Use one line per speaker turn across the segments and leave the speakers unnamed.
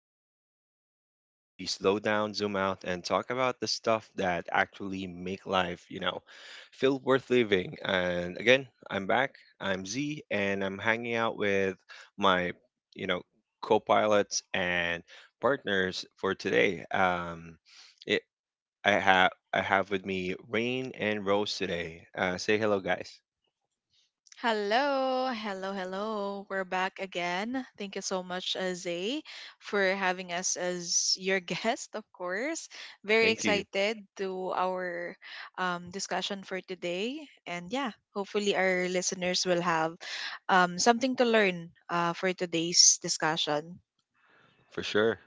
Walkers, the space where we slow down, zoom out, and talk about the stuff that actually make life, feel worth living. And again, I'm back. I'm Z, and I'm hanging out with my, you know, co-pilots and partners for today. It, I have with me Rain and Rose today. Say hello, guys.
Hello, hello, hello. We're back again. Thank you so much, Zay, for having us as your guest, of course. Very
Thank you
excited to our discussion for today. And yeah, hopefully our listeners will have something to learn for today's discussion.
for sure.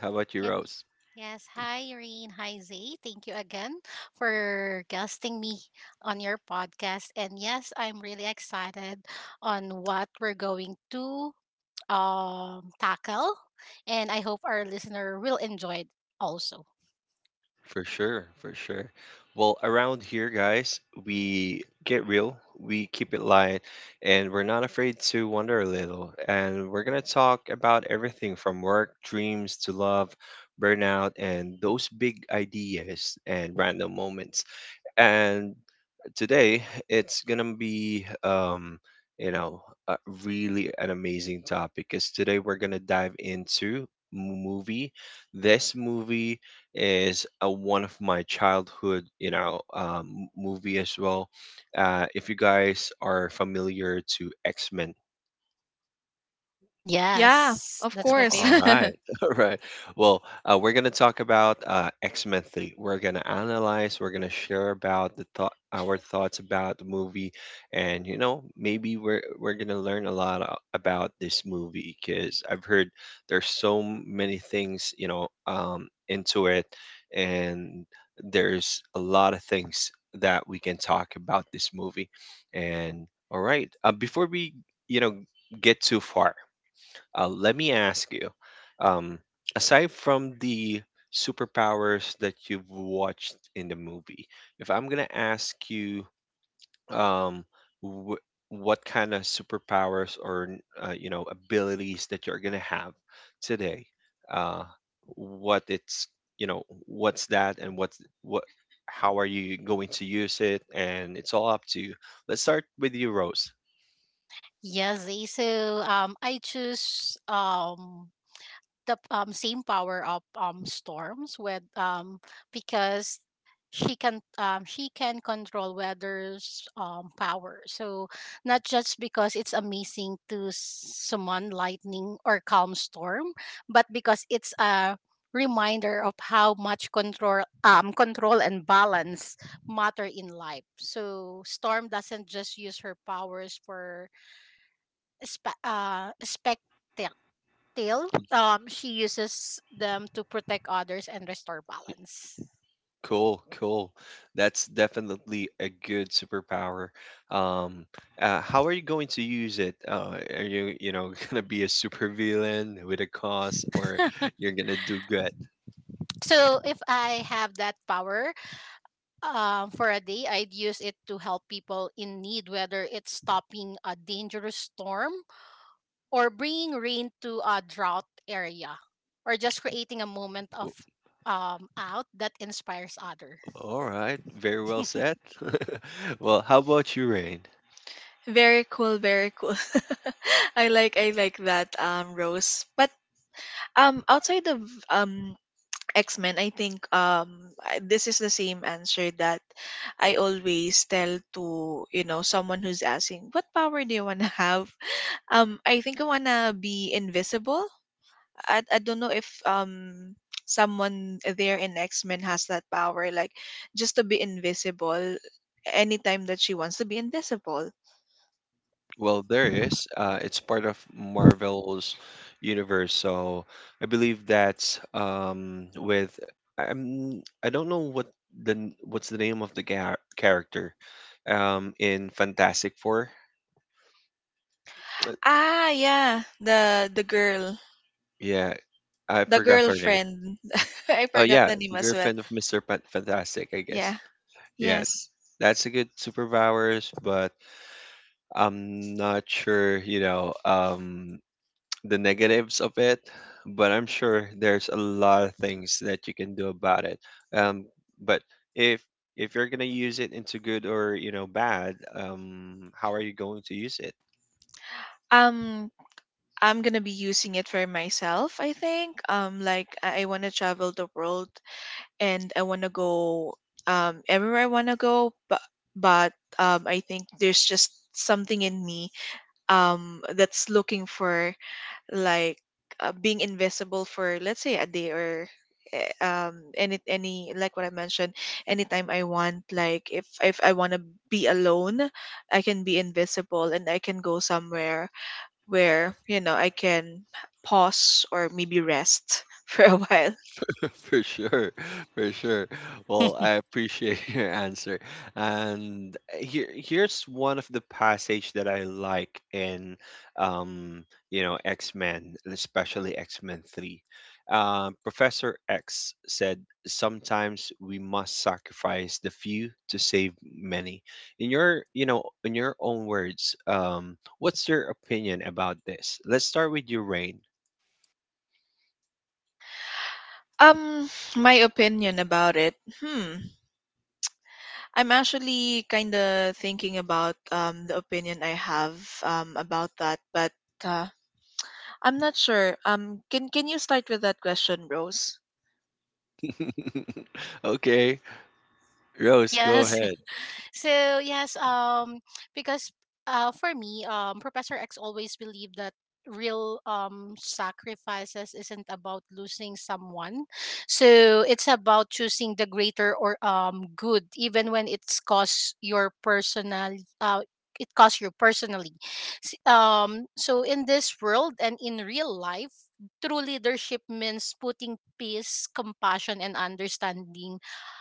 How about you,
Yeah,
Rose?
yes. Hi, Irene. Hi, Zay. Thank you again for guesting me on your podcast. And yes, I'm really excited on what we're going to tackle. And I hope our listener will enjoy it also.
For sure, for sure. Well, around here, guys, we get real, we keep it light, and we're not afraid to wonder a little. And we're going to talk about everything from work, dreams to love, burnout, and those big ideas and random moments. And today it's gonna be you know a really an amazing topic because today we're gonna dive into movie. This movie is one of my childhood movie as well. If you guys are familiar to X-Men.
Yeah,
Yes,
of
Yeah,
that's my
course.
all
favorite.
right. All right. Well, we're going to talk about X-Men 3. We're going to analyze, we're going to share about the thought our thoughts about the movie. And you know, maybe we're going to learn a lot about this movie because I've heard there's so many things, you know, into it, and there's a lot of things that we can talk about this movie. And all right, before we, you know, get too far, let me ask you, um, aside from the superpowers that you've watched in the movie, if I'm gonna ask you, um, wh- what kind of superpowers or you know abilities that you're gonna have today, uh, what it's you know what's that and what's what how are you going to use it, and it's all up to you. Let's start with you, Rose.
Yes, Zay. So I choose the same power of storms with because she can control weather's power, so not just because it's amazing to summon lightning or calm storm, but because it's a reminder of how much control, control and balance matter in life. So storm doesn't just use her powers for spectacle. Still, she uses them to protect others and restore balance.
Cool, cool. That's definitely a good superpower. Um, how are you going to use it? Are you, you know, gonna be a supervillain with a cause, or you're gonna do good?
So, if I have that power for a day, I'd use it to help people in need, whether it's stopping a dangerous storm or bringing rain to a drought area or just creating a moment of
W-
out that inspires others.
All right, very well said. Well, how about you, Rain?
Very cool, very cool. I like that Rose. But outside of um X-Men, I think this is the same answer that I always tell to, you know, someone who's asking, "What power do you want to have?" I think I want to be invisible. I don't know if someone there in X-Men has that power like just to be invisible anytime that she wants to be invisible.
Well, there is. It's part of Marvel's universe, so I believe that's with I'm I don't know what's the name of the character in Fantastic Four. Uh,
Ah, yeah, the girl,
Yeah, I
the
forgot her name.
girlfriend. I
Oh
forgot
yeah,
the name
the
as well.
girlfriend of Fantastic, I guess.
Yeah.
Yeah,
Yes.
that's a good superpowers, but I'm not sure. You know, the negatives of it, but I'm sure there's a lot of things that you can do about it. Um, but if if you're gonna use it into good or you know bad, how are you going to use it?
Um I'm gonna be using it for myself, I think. Like I wanna travel the world and I wanna go everywhere I wanna go, but but I think there's just something in me that's looking for like being invisible for let's say a day or any like what I mentioned anytime I want like if I wanna be alone I can be invisible and I can go somewhere where you know I can pause or maybe rest for a while.
For sure, for sure. Well, I appreciate your answer. And here's one of the passage that I like in, um, you know, X Men, especially X Men Three. Professor X said, "Sometimes we must sacrifice the few to save many." In your, you know, in your own words, what's your opinion about this? Let's start with you, Rain.
Um, my opinion about it. Hmm, I'm actually kind of thinking about the opinion I have about that, but uh, I'm not sure. Can you start with that question, Rose?
Okay, Rose, go
Yes.
ahead.
So yes, because for me, Professor X always believed that real sacrifices isn't about losing someone, so it's about choosing the greater or good, even when uh it costs you personally. So in this world and in real life, true leadership means putting peace, compassion and understanding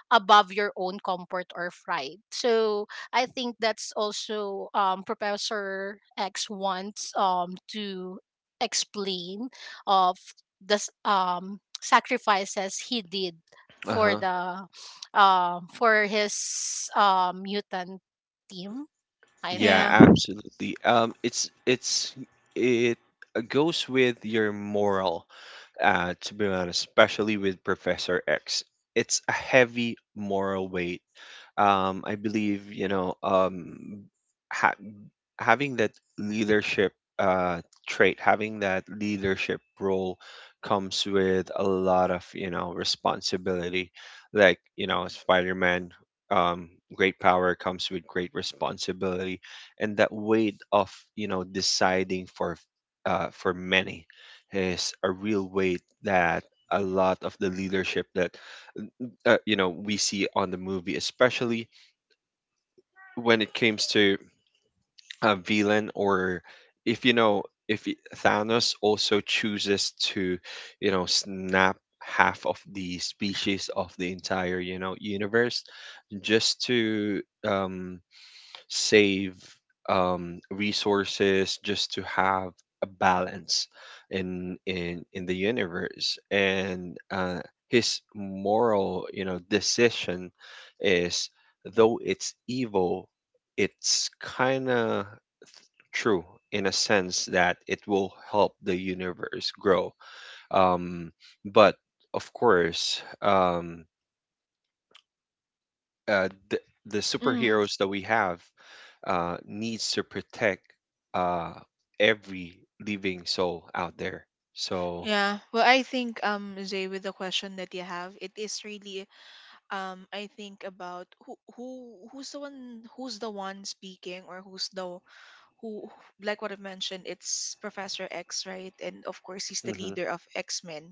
above your own comfort or pride. So I think that's also Professor X wants to explain of the sacrifices he did for
Uh-huh.
the for his mutant team. I
Yeah,
Yeah.
think.
absolutely. It goes with your moral, to be honest, especially with Professor X. It's a heavy moral weight. I believe, you know, ha having that leadership uh, trait, having that leadership role comes with a lot of, you know, responsibility. Like, you know, Spider-Man, um, great power comes with great responsibility, and that weight of, you know, deciding for many is a real weight that a lot of the leadership that you know we see on the movie, especially when it comes to villain, or if you know if y- Thanos also chooses to you know snap half of the species of the entire you know universe just to um save resources just to have a balance in the universe. And his moral you know decision is, though it's evil, it's kind of true in a sense that it will help the universe grow. Um, but of course, uh, the, the
Mm.
superheroes that we have needs to protect uh, every living soul out there. So
Yeah, well, I think Zay, with the question that you have, it is really I think about who's the one speaking or who like what I mentioned, it's Professor X, right? And of course he's the
Mhm.
leader of X-Men,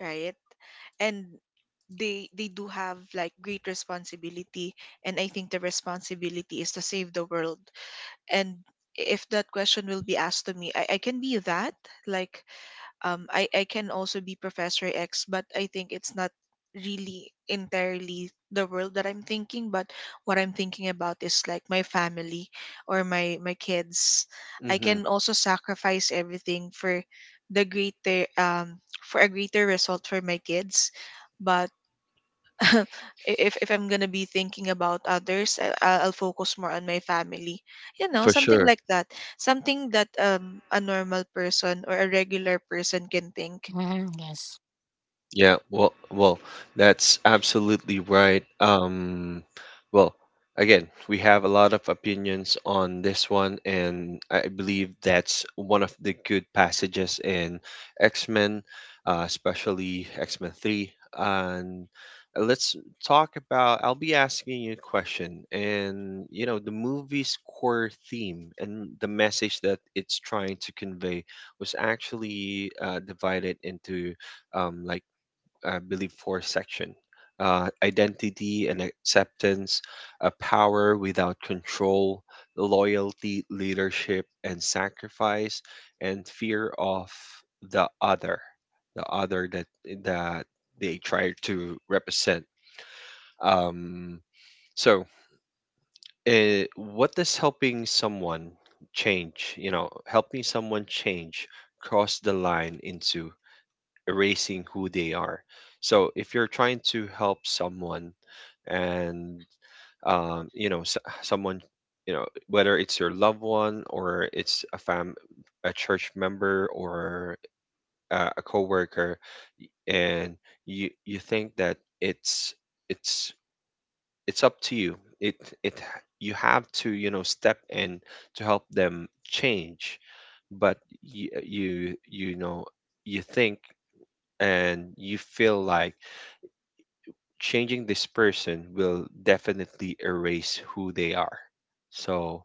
right? And they do have like great responsibility and I think the responsibility is to save the world. And if that question will be asked to me, I can be that. Like I can also be Professor X, but I think it's not really entirely the world that I'm thinking, but what I'm thinking about is like my family or my kids. I
Hmm.
can also sacrifice everything for the greater for a greater result for my kids. But if I'm gonna be thinking about others, I'll focus more on my family. You know,
For
something
sure.
like that. Something that a normal person or a regular person can think.
Mhm, yes.
Yeah, well, well, that's absolutely right. Well, again, we have a lot of opinions on this one, and I believe that's one of the good passages in X-Men, especially X-Men 3. And let's talk about, I'll be asking you a question, and you know, the movie's core theme and the message that it's trying to convey was actually divided into um, like I believe, four section. Identity and acceptance, a power without control, loyalty, leadership, and sacrifice, and fear of the other, the other that they try to represent. Um, so, what does helping someone change? You know, helping someone change cross the line into erasing who they are. So if you're trying to help someone and you know someone, you know, whether it's your loved one or it's a fam a church member or a coworker, and you think that it's it's up to you, it you have to you know step in to help them change. But you know you think and you feel like changing this person will definitely erase who they are. So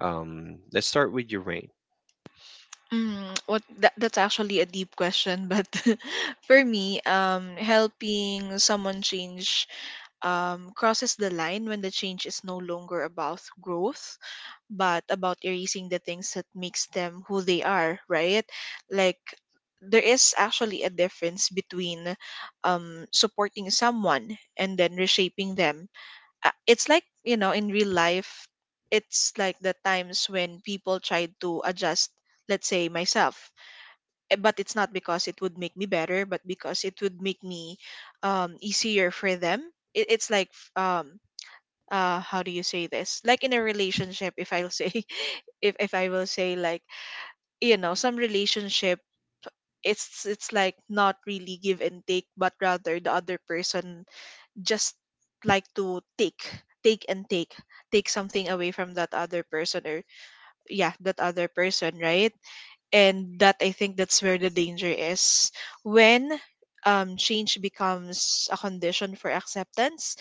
let's start with your rain.
That's actually a deep question, but for me, helping someone change crosses the line when the change is no longer about growth but about erasing the things that makes them who they are, right? Like there is actually a difference between supporting someone and then reshaping them. It's like, you know, in real life, it's like the times when people try to adjust, let's say myself, but it's not because it would make me better, but because it would make me easier for them. It's like, how do you say this, like in a relationship? If I'll say if I will say like you know some relationship it's like not really give and take, but rather the other person just like to take, take and take take something away from that other person, or yeah, that other person, right? And that, I think that's where the danger is. When change becomes a condition for acceptance,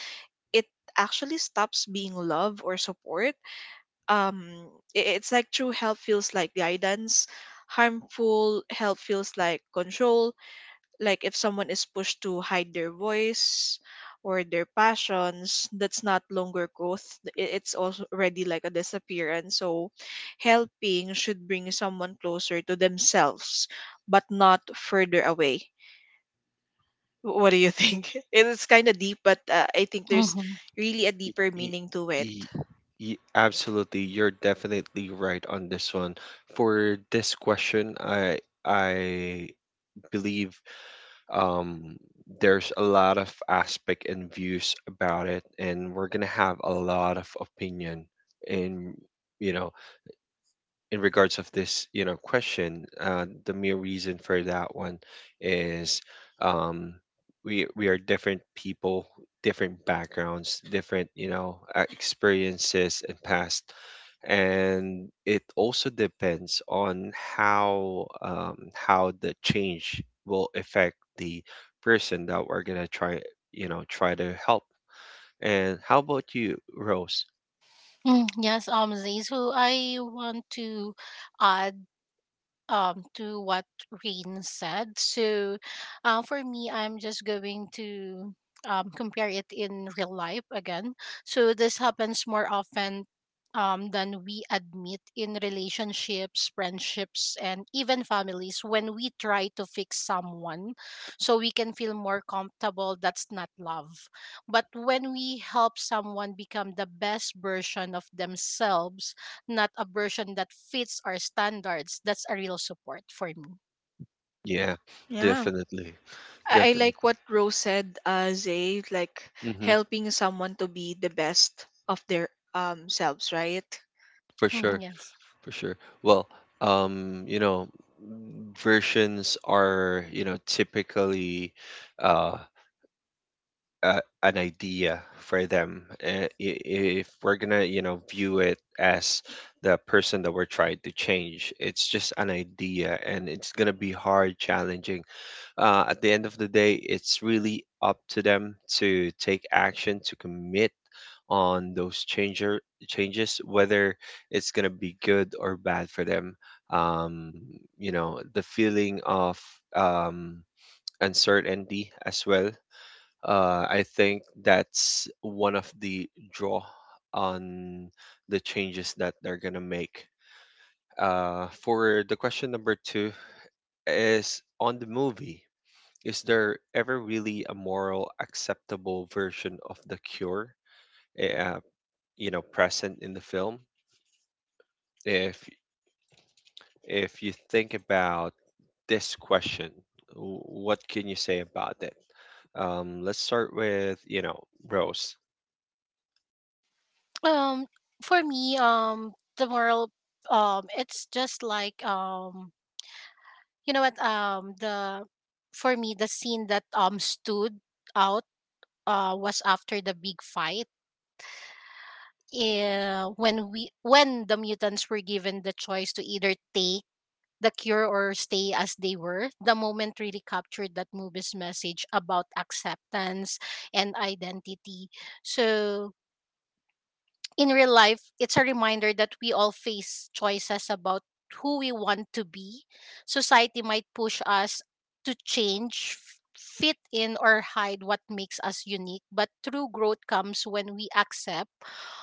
it actually stops being love or support. Um I- it's like true help feels like guidance, harmful help feels like control. Like if someone is pushed to hide their voice or their passions, that's not longer growth, it's also already like a disappearance. So helping should bring someone closer to themselves, but not further away. Wh- What do you think? It's kind of deep, but I think there's
Mm-hmm.
really a deeper
Y-
meaning to it.
y- Absolutely, you're definitely right on this one. For this question, I believe um, there's a lot of aspect and views about it, and we're gonna have a lot of opinion in you know in regards of this, you know, question. Uh, the mere reason for that one is um, we are different people, different backgrounds, different you know experiences and past, and it also depends on how the change will affect the person that we're gonna try you know try to help. And how about you, Rose?
Mm, yes, Zay, so I want to ask to what Rain said. So for me I'm just going to compare it in real life again. So this happens more often than we admit in relationships, friendships and even families when we try to fix someone so we can feel more comfortable. That's not love. But when we help someone become the best version of themselves, not a version that fits our standards, that's a real support for me.
Yeah,
Yeah.
definitely,
I like
definitely,
what Rose said, Zay, like
hmm
helping someone to be the best of their selves, right?
for
Mhm,
sure.
yes.
For sure. Well, you know, versions are, you know, typically uh, an idea for them. If we're gonna, you know, view it as the person that we're trying to change, it's just an idea, and it's gonna be hard, challenging. At the end of the day, it's really up to them to take action, to commit on those changer changes, whether it's gonna be good or bad for them. Um, you know, the feeling of um, uncertainty as well. I think that's one of the draw on the changes that they're gonna make. For the question number two is on the movie. Is there ever really a moral acceptable version of the cure? eh, Uh, you know, present in the film? If if you think about this question, what can you say about it? Let's start with, you know, Rose.
Um, for me, the moral, it's just like you know what, the for me the scene that stood out was after the big fight. When we when the mutants were given the choice to either take the cure or stay as they were, the moment really captured that movie's message about acceptance and identity. So, in real life, it's a reminder that we all face choices about who we want to be. Society might push us to change, fit in, or hide what makes us unique, but true growth comes when we accept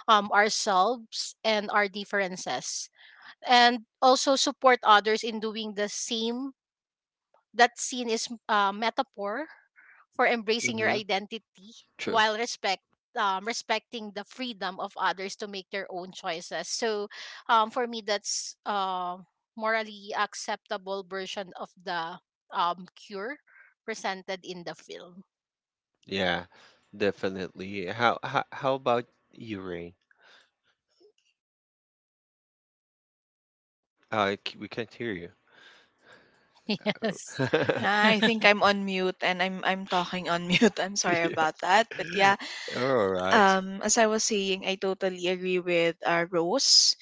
ourselves and our differences, and also support others in doing the same. That scene is a metaphor for embracing your
Mm-hmm.
identity
True.
while respecting the freedom of others to make their own choices. So, for me, that's morally acceptable version of the cure presented in the film.
Yeah, definitely. How about you, Rain? We can't hear you.
Yes.
Yeah, I think I'm on mute and I'm talking on mute. I'm sorry
Yeah.
about that. But yeah,
All right.
as I was saying, I totally agree with Rose.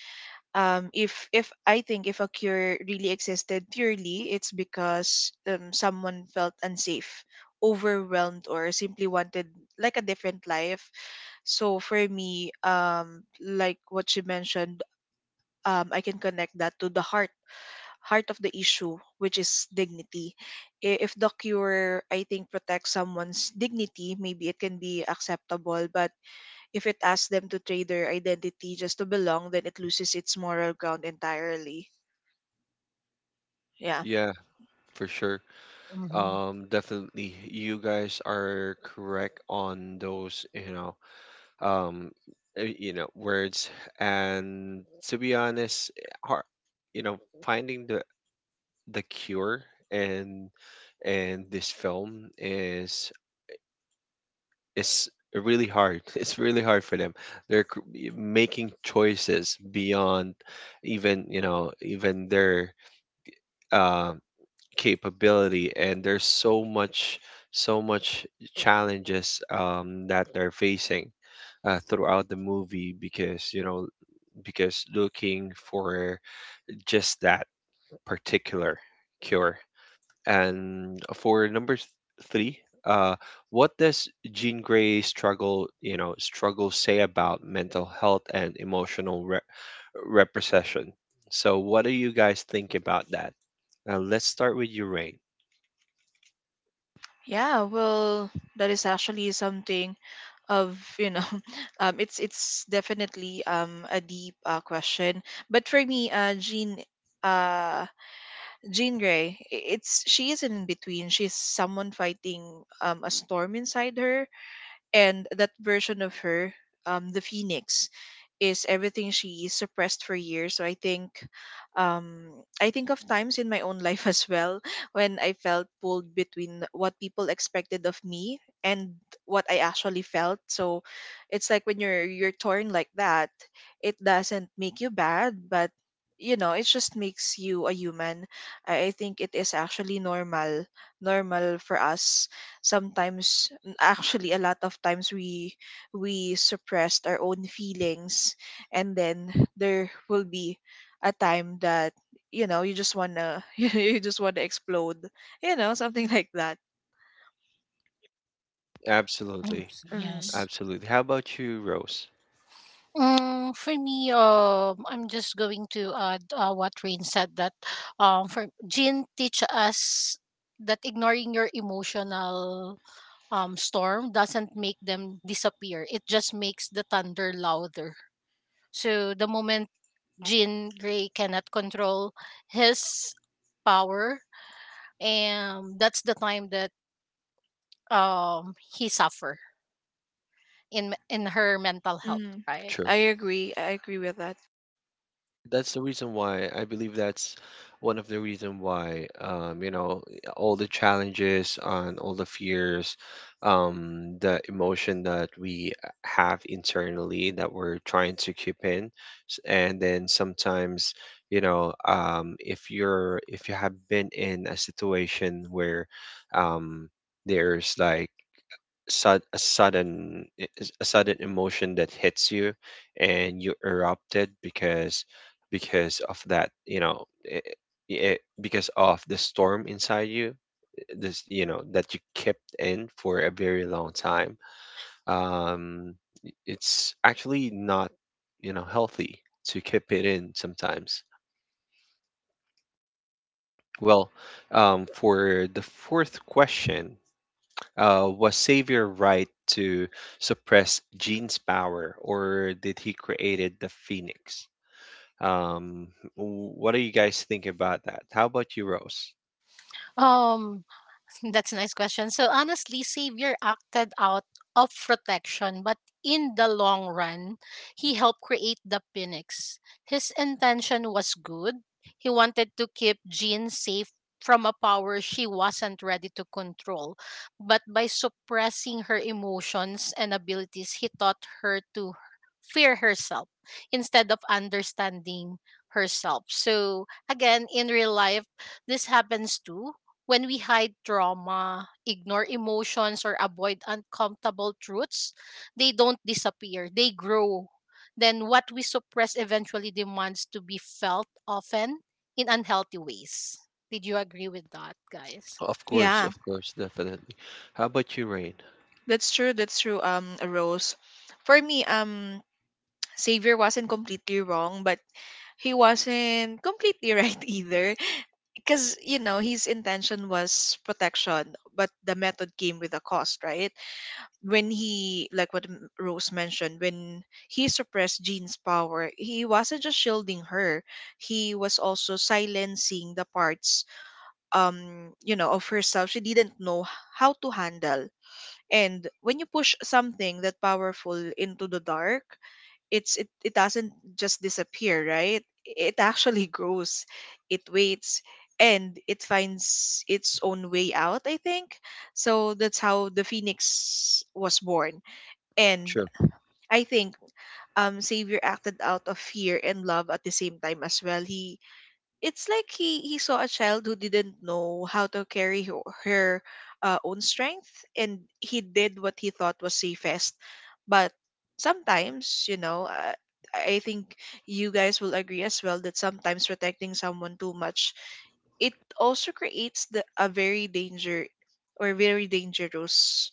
If I think if a cure really existed purely, it's because someone felt unsafe, overwhelmed, or simply wanted like a different life. So for me, like what she mentioned, I can connect that to the heart of the issue, which is dignity. If the cure, I think, protects someone's dignity, maybe it can be acceptable, but if it asks them to trade their identity just to belong, then it loses its moral ground entirely. Yeah.
Yeah, for sure.
Mhm.
Definitely. You guys are correct on those, um you know words. And to be honest, har you know finding the cure and and this film is really hard. It's really hard for them. they're cr- Making choices beyond even you know even their uh, capability, and there's so much challenges that they're facing throughout the movie because you know because looking for just that particular cure. And for number three, uh, what does Jean Grey struggle, you know, struggle say about mental health and emotional repression? So, what do you guys think about that? Let's start with you, Rain.
Yeah, well, that is actually something of, you know, it's definitely a deep question. But for me, uh, Jean Grey, it's she isn't in between. She's someone fighting a storm inside her, and that version of her, the Phoenix, is everything she suppressed for years. So um, I think of times in my own life as well when I felt pulled between what people expected of me and what I actually felt. So it's like when you're torn like that, it doesn't make you bad, but you know, it just makes you a human. I think it is actually normal for us. Sometimes, actually, a lot of times we suppressed our own feelings, and then there will be a time that you know you just want to you just want to explode, you know, something like that.
Absolutely,
Mm,
Yes.
absolutely. How about you, Rose?
For me, I'm just going to add what Rain, said that for Jean teach us that ignoring your emotional storm doesn't make them disappear. It just makes the thunder louder. So the moment Jean Grey cannot control his power, and that's the time that he suffer in her mental health,
mm.
right?
I agree, with that.
That's the reason why I believe that's one of the reason why you know all the challenges and all the fears, the emotion that we have internally that we're trying to keep in, and then sometimes you know if you're if you have been in a situation where um, there's like a sudden emotion that hits you and you erupted because of that you know because of the storm inside you this you know that you kept in for a very long time um it's actually not you know healthy to keep it in sometimes. Well for the fourth question, uh, was Savior right to suppress Jean's power, or did he created the Phoenix? Um, what do you guys think about that? How about you, Rose?
Um, That's a nice question. So honestly, Savior acted out of protection, but in the long run, he helped create the Phoenix. His intention was good. He wanted to keep Jean safe from a power she wasn't ready to control. But by suppressing her emotions and abilities, he taught her to fear herself instead of understanding herself. So again, in real life, this happens too. When we hide trauma, ignore emotions, or avoid uncomfortable truths, they don't disappear, they grow. Then what we suppress eventually demands to be felt, often in unhealthy ways. Did you agree with that, guys?
Yeah,
Of course, definitely. How about you, Rain?
that's true, Rose. For me, Xavier wasn't completely wrong, but he wasn't completely right either. Because, you know, his intention was protection, but the method came with a cost, right? When he, like what Rose mentioned, when he suppressed Jean's power, he wasn't just shielding her, he was also silencing the parts um you know of herself she didn't know how to handle. And when you push something that powerful into the dark, it it doesn't just disappear, right? It actually grows, it waits, and it finds its own way out, I think. So that's how the Phoenix was born. And
True,
I think Savior acted out of fear and love at the same time as well. He, it's like he saw a child who didn't know how to carry her own strength, and he did what he thought was safest. But sometimes, you know, I think you guys will agree as well that sometimes protecting someone too much, it also creates the a very danger, or very dangerous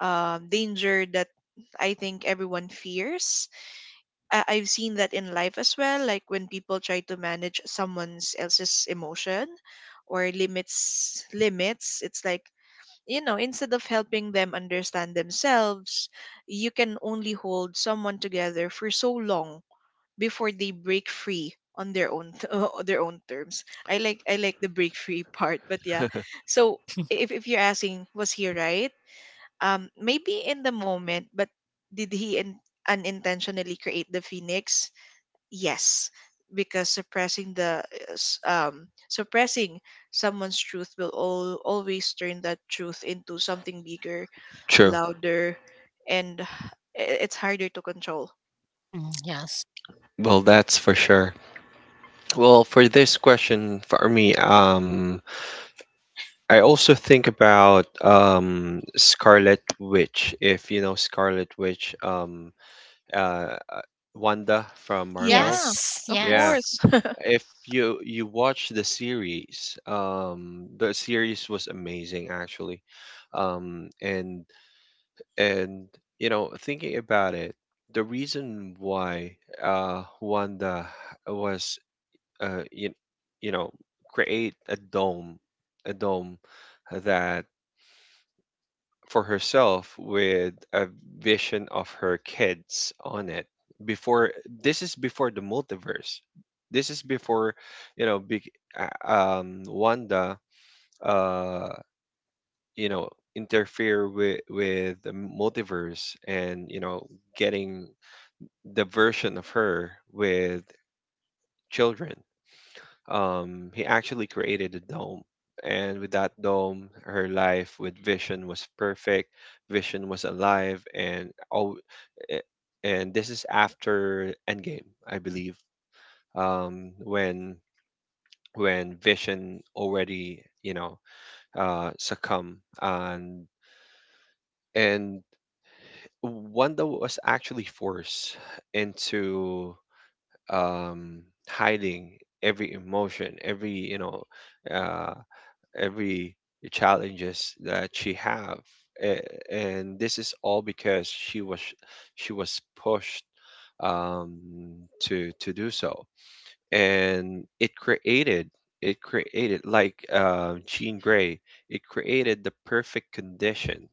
danger that I think everyone fears. I've seen that in life as well, like when people try to manage someone else's emotion or limits. It's like you know, instead of helping them understand themselves, you can only hold someone together for so long before they break free on their own on their own terms. I like the break free part, but yeah. So if you're asking, was he right? Maybe in the moment, but did he unintentionally create the Phoenix? Yes, because suppressing the suppressing someone's truth will always turn that truth into something bigger,
true.
louder, and it's harder to control.
Mm, yes.
Well, that's for sure. Well, for this question, for me, I also think about Scarlet Witch. If you know Scarlet Witch, uh, uh, Wanda from
Yeah,
Marvels.
Yes.
of
Yeah,
Yes.
course.
if you watch the series was amazing actually. Um, and and you know thinking about it, the reason why Wanda was uh, you, you know, create a dome that for herself with a vision of her kids on it. Before This is before the multiverse. This is before, you know, big, Wanda, uh, you know, interfere with the multiverse and you know getting the version of her with children. He actually created a dome. And with that dome, her life with Vision was perfect. Vision was alive, and oh, and this is after Endgame, I believe. Um, when when Vision already, you know, succumb, and and Wanda was actually forced into, um, hiding every emotion, every uh. every challenges that she have. A- and this is all because she was pushed, um, to do so, and it created, it created, like, Jean Grey, it created the perfect condition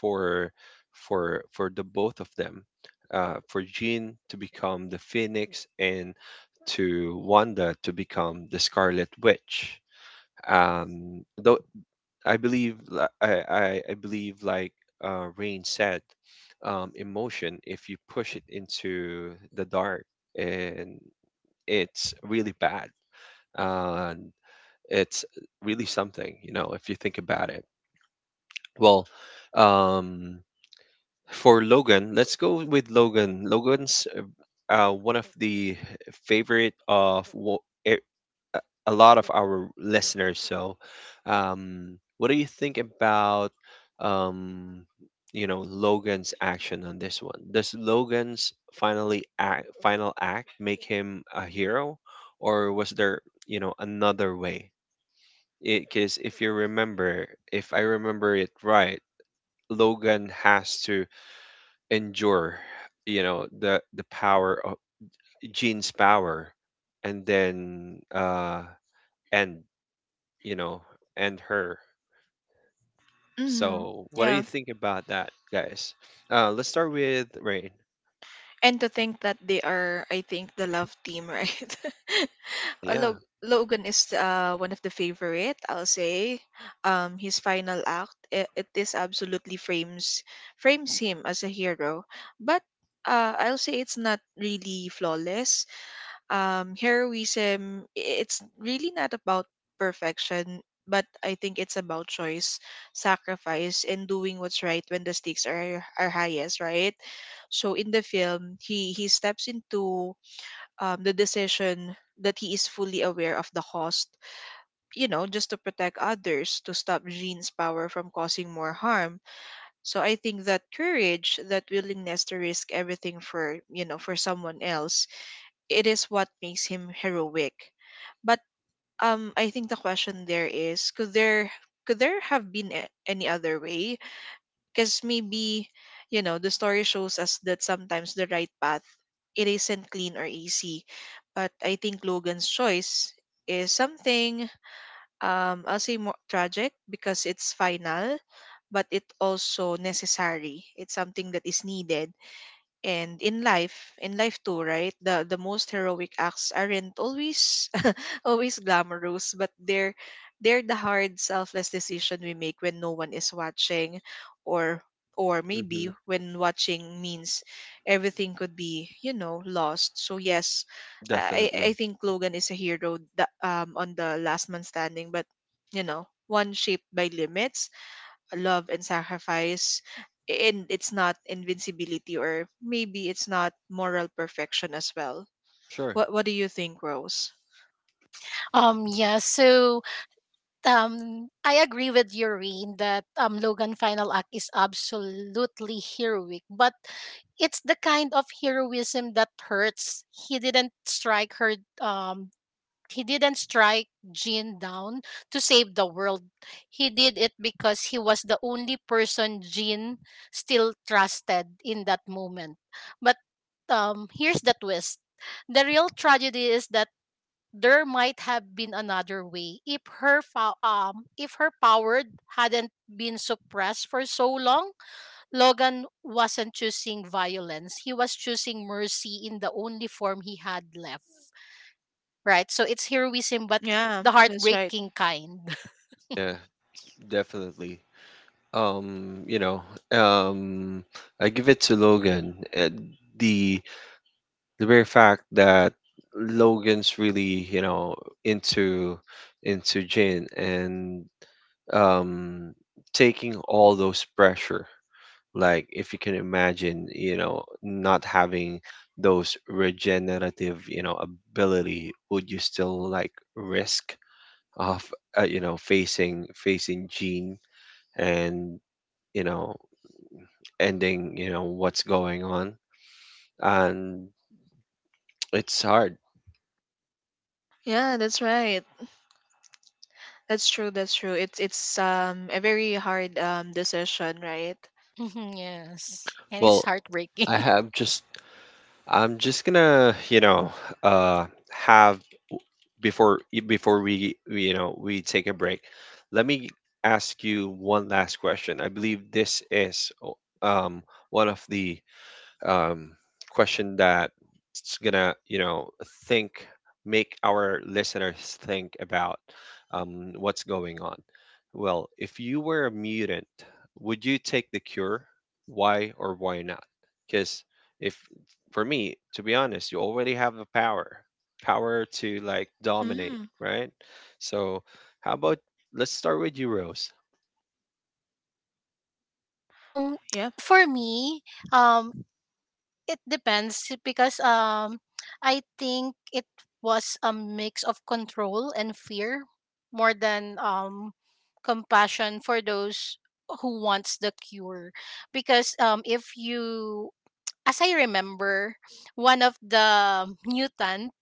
for the both of them, for Jean to become the Phoenix and to Wanda to become the Scarlet Witch. um, th- I believe, I believe, like, Rain said, emotion, if you push it into the dark, and it's really bad. Uh, it's really something, you know, if you think about it. Well, um, for Logan, let's go with Logan. Logan's one of the favorite of a a lot of our listeners. So, what do you think about, um, you know, Logan's action on this one? Does final act make him a hero, or was there, you know, another way? Because if you remember, if I remember it right, Logan has to endure, you know, the power of Jean's power, and then end, you know, and her.
Mhm.
So, what do
Yeah.
you think about that, guys? Let's start with Rain.
And to think that they are, I think, the love team, right?
Yeah,
Logan is one of the favorite, I'll say. His final act, it is absolutely frames him as a hero. But I'll say it's not really flawless. Heroism, it's really not about perfection, but I think it's about choice, sacrifice, and doing what's right when the stakes are highest, right? So in the film, he steps into the decision that he is fully aware of the cost, you know, just to protect others, to stop Jean's power from causing more harm. So I think that courage, that willingness to risk everything for, you know, for someone else, it is what makes him heroic. But I think the question there is, could there have been any other way? Because maybe you know the story shows us that sometimes the right path, it isn't clean or easy. But I think Logan's choice is something, I'll say, more tragic because it's final, but it also necessary. It's something that is needed. And in life, too, right? The most heroic acts aren't always always glamorous, but they're the hard, selfless decision we make when no one is watching, or or maybe
hmm,
when watching means everything could be, you know, lost. So yes, I
definitely.
think Logan is a hero that, on the last man standing, but you know one shaped by limits, love, and sacrifice, and it's not invincibility, or maybe it's not moral perfection as well.
Sure.
What do you think, Rose?
Yeah, so I agree with you, Rain, that Logan Final Act is absolutely heroic, but it's the kind of heroism that hurts. He didn't strike her. Um, he didn't strike Jean down to save the world. He did it because he was the only person Jean still trusted in that moment. But here's the twist: the real tragedy is that there might have been another way. If her power hadn't been suppressed for so long, Logan wasn't choosing violence, he was choosing mercy in the only form he had left, right? So it's heroism, but
Yeah,
the
that's right.
heartbreaking kind.
Yeah, definitely. You know, um, I give it to Logan. The the very fact that Logan's really, you know, into Jane, and um taking all those pressure. Like if you can imagine, you know, not having those regenerative, you know, ability, would you still like risk of, you know, facing Gene and, you know, ending, you know, what's going on? And it's hard.
Yeah, that's right. That's true, it's a very hard decision, right?
Mhm, yes, and it's
Well,
heartbreaking.
I have just I'm just gonna, you know, uh, have before we you know, we take a break, let me ask you one last question. I believe this is one of the, um, question that's gonna, you know, think make our listeners think about, what's going on. Well, if you were a mutant, would you take the cure, why or why not? Because if, for me, to be honest, you already have the power, power to, like, dominate,
Mm,
right? So how about, let's start with you, Rose.
um
yeah.
for me, um it depends, because I think it was a mix of control and fear more than compassion for those who wants the cure. Because if you, as I remember, one of the mutant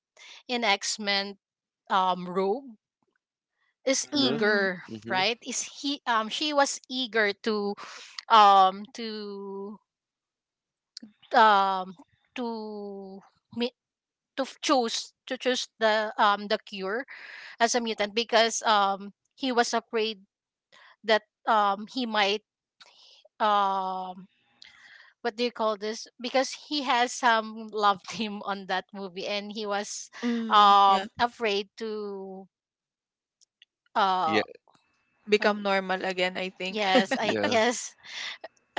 in X-Men, Rogue is
Hmm.
Mm,
eager,
Hmm.
right? Is he she was eager to um to um to choose to choose the cure as a mutant, because he was afraid that he might um what do you call this, because he has some love team on that movie, and he was
mm, yeah.
afraid to uh
Yeah.
uh,
Become normal again, I think.
yes, I,
Yeah.
yes.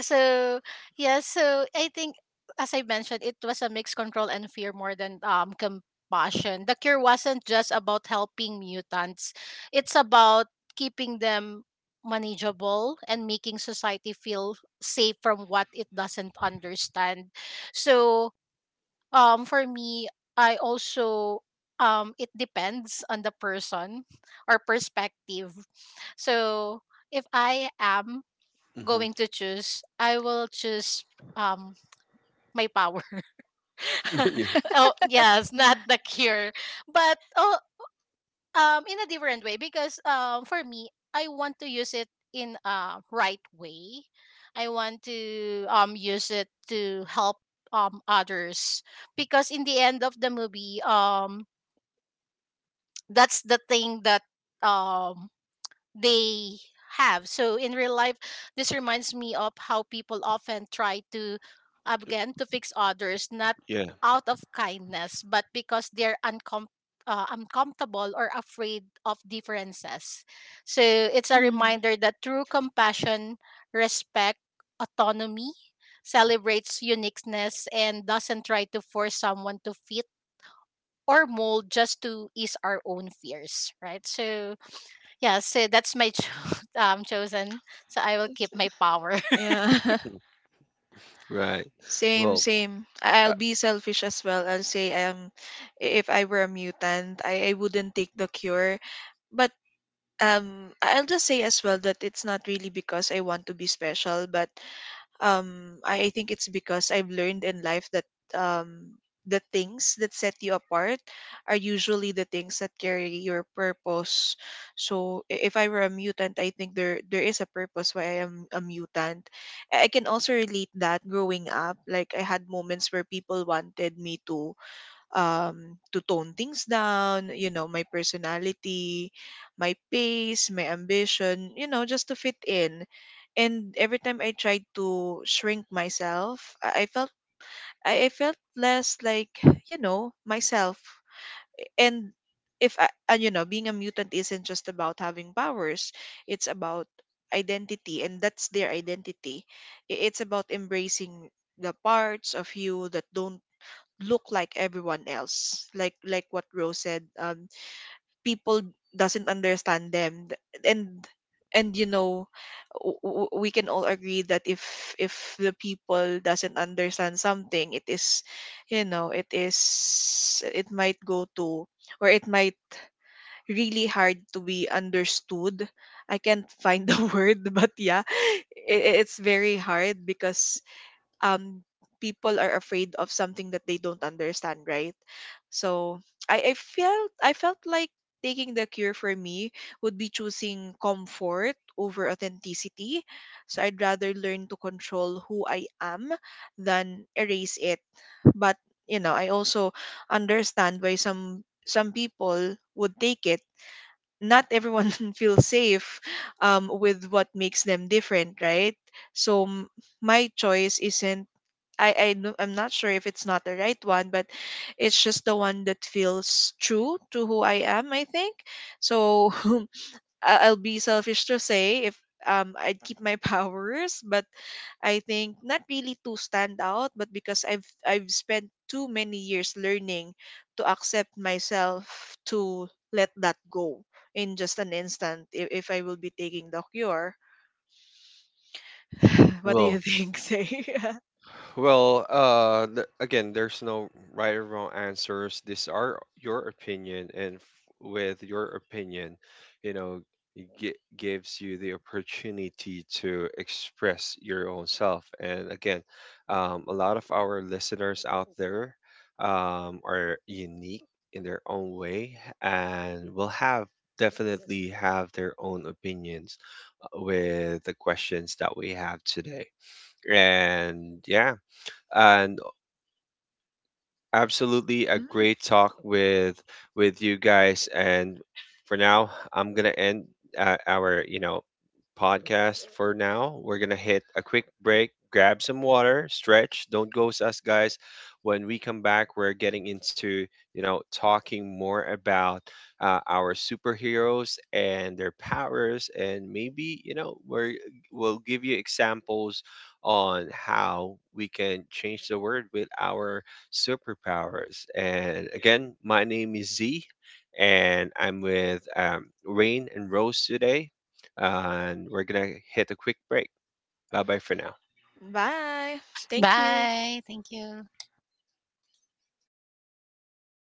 So yeah, so I think, as I mentioned, it was a mixed control and fear more than compassion. The cure wasn't just about helping mutants. It's about keeping them manageable and making society feel safe from what it doesn't understand. So for me, I also it depends on the person or perspective. So if I am
Hmm.
going to choose, I will choose um my power.
yeah.
oh yes, not the cure, but oh in a different way, because for me I want to use it in a right way. I want to use it to help others, because in the end of the movie that's the thing that um they have. So in real life, this reminds me of how people often try to again to fix others, not
Yeah.
out of kindness but because they're uncomfortable or afraid of differences. So it's a
Mm,
reminder that true compassion, respect, autonomy celebrates uniqueness and doesn't try to force someone to fit or mold just to ease our own fears, right? So yeah, so that's my chosen. So I will keep my power.
yeah.
Right.
Same,
Well,
same.
uh,
I'll be selfish as well. I'll say if I were a mutant, I wouldn't take the cure. But I'll just say as well that it's not really because I want to be special, but I think it's because I've learned in life that um the things that set you apart are usually the things that carry your purpose. So if I were a mutant, I think there is a purpose why I am a mutant. I can also relate that growing up, like I had moments where people wanted me to tone things down, you know, my personality, my pace, my ambition, you know, just to fit in. And every time I tried to shrink myself, I felt, I felt less like, you know, myself. And if I, and you know, being a mutant isn't just about having powers, it's about identity, and that's their identity. It's about embracing the parts of you that don't look like everyone else, like what Rose said, people doesn't understand them. And and you know, we can all agree that if the people doesn't understand something, it is, you know, it might go to, or it might really hard to be understood. I can't find the word, but yeah, I it's very hard because um people are afraid of something that they don't understand, right? So I felt, I felt like taking the cure for me would be choosing comfort over authenticity. So I'd rather learn to control who I am than erase it. But you know, I also understand why some people would take it. Not everyone feels safe with what makes them different, right? So my choice isn't, I don't- I'm not sure if it's not the right one, but it's just the one that feels true to who I am. I think so. I'll be selfish to say if I'd keep my powers, but I think not really to stand out, but because I've spent too many years learning to accept myself to let that go in just an instant if I will be taking the cure. What do you
well,
think, Say?
again, there's no right or wrong answers. These are your opinion, and, with your opinion, you know, it gives you the opportunity to express your own self. And again, a lot of our listeners out there, are unique in their own way, and will have, definitely have, their own opinions with the questions that we have today. And yeah, and absolutely a
Mm.
great talk with you guys. And for now, I'm gonna end, our, you know, podcast for now. We're gonna hit a quick break, grab some water, stretch, don't ghost us, guys. When we come back, we're getting into, you know, talking more about, our superheroes and their powers. And maybe, you know, we'll give you examples on how we can change the world with our superpowers. And again, my name is Z, and I'm with, Rain and Rose today. And we're going to hit a quick break. Bye bye for now.
Bye. Thank you.
Bye. Thank you.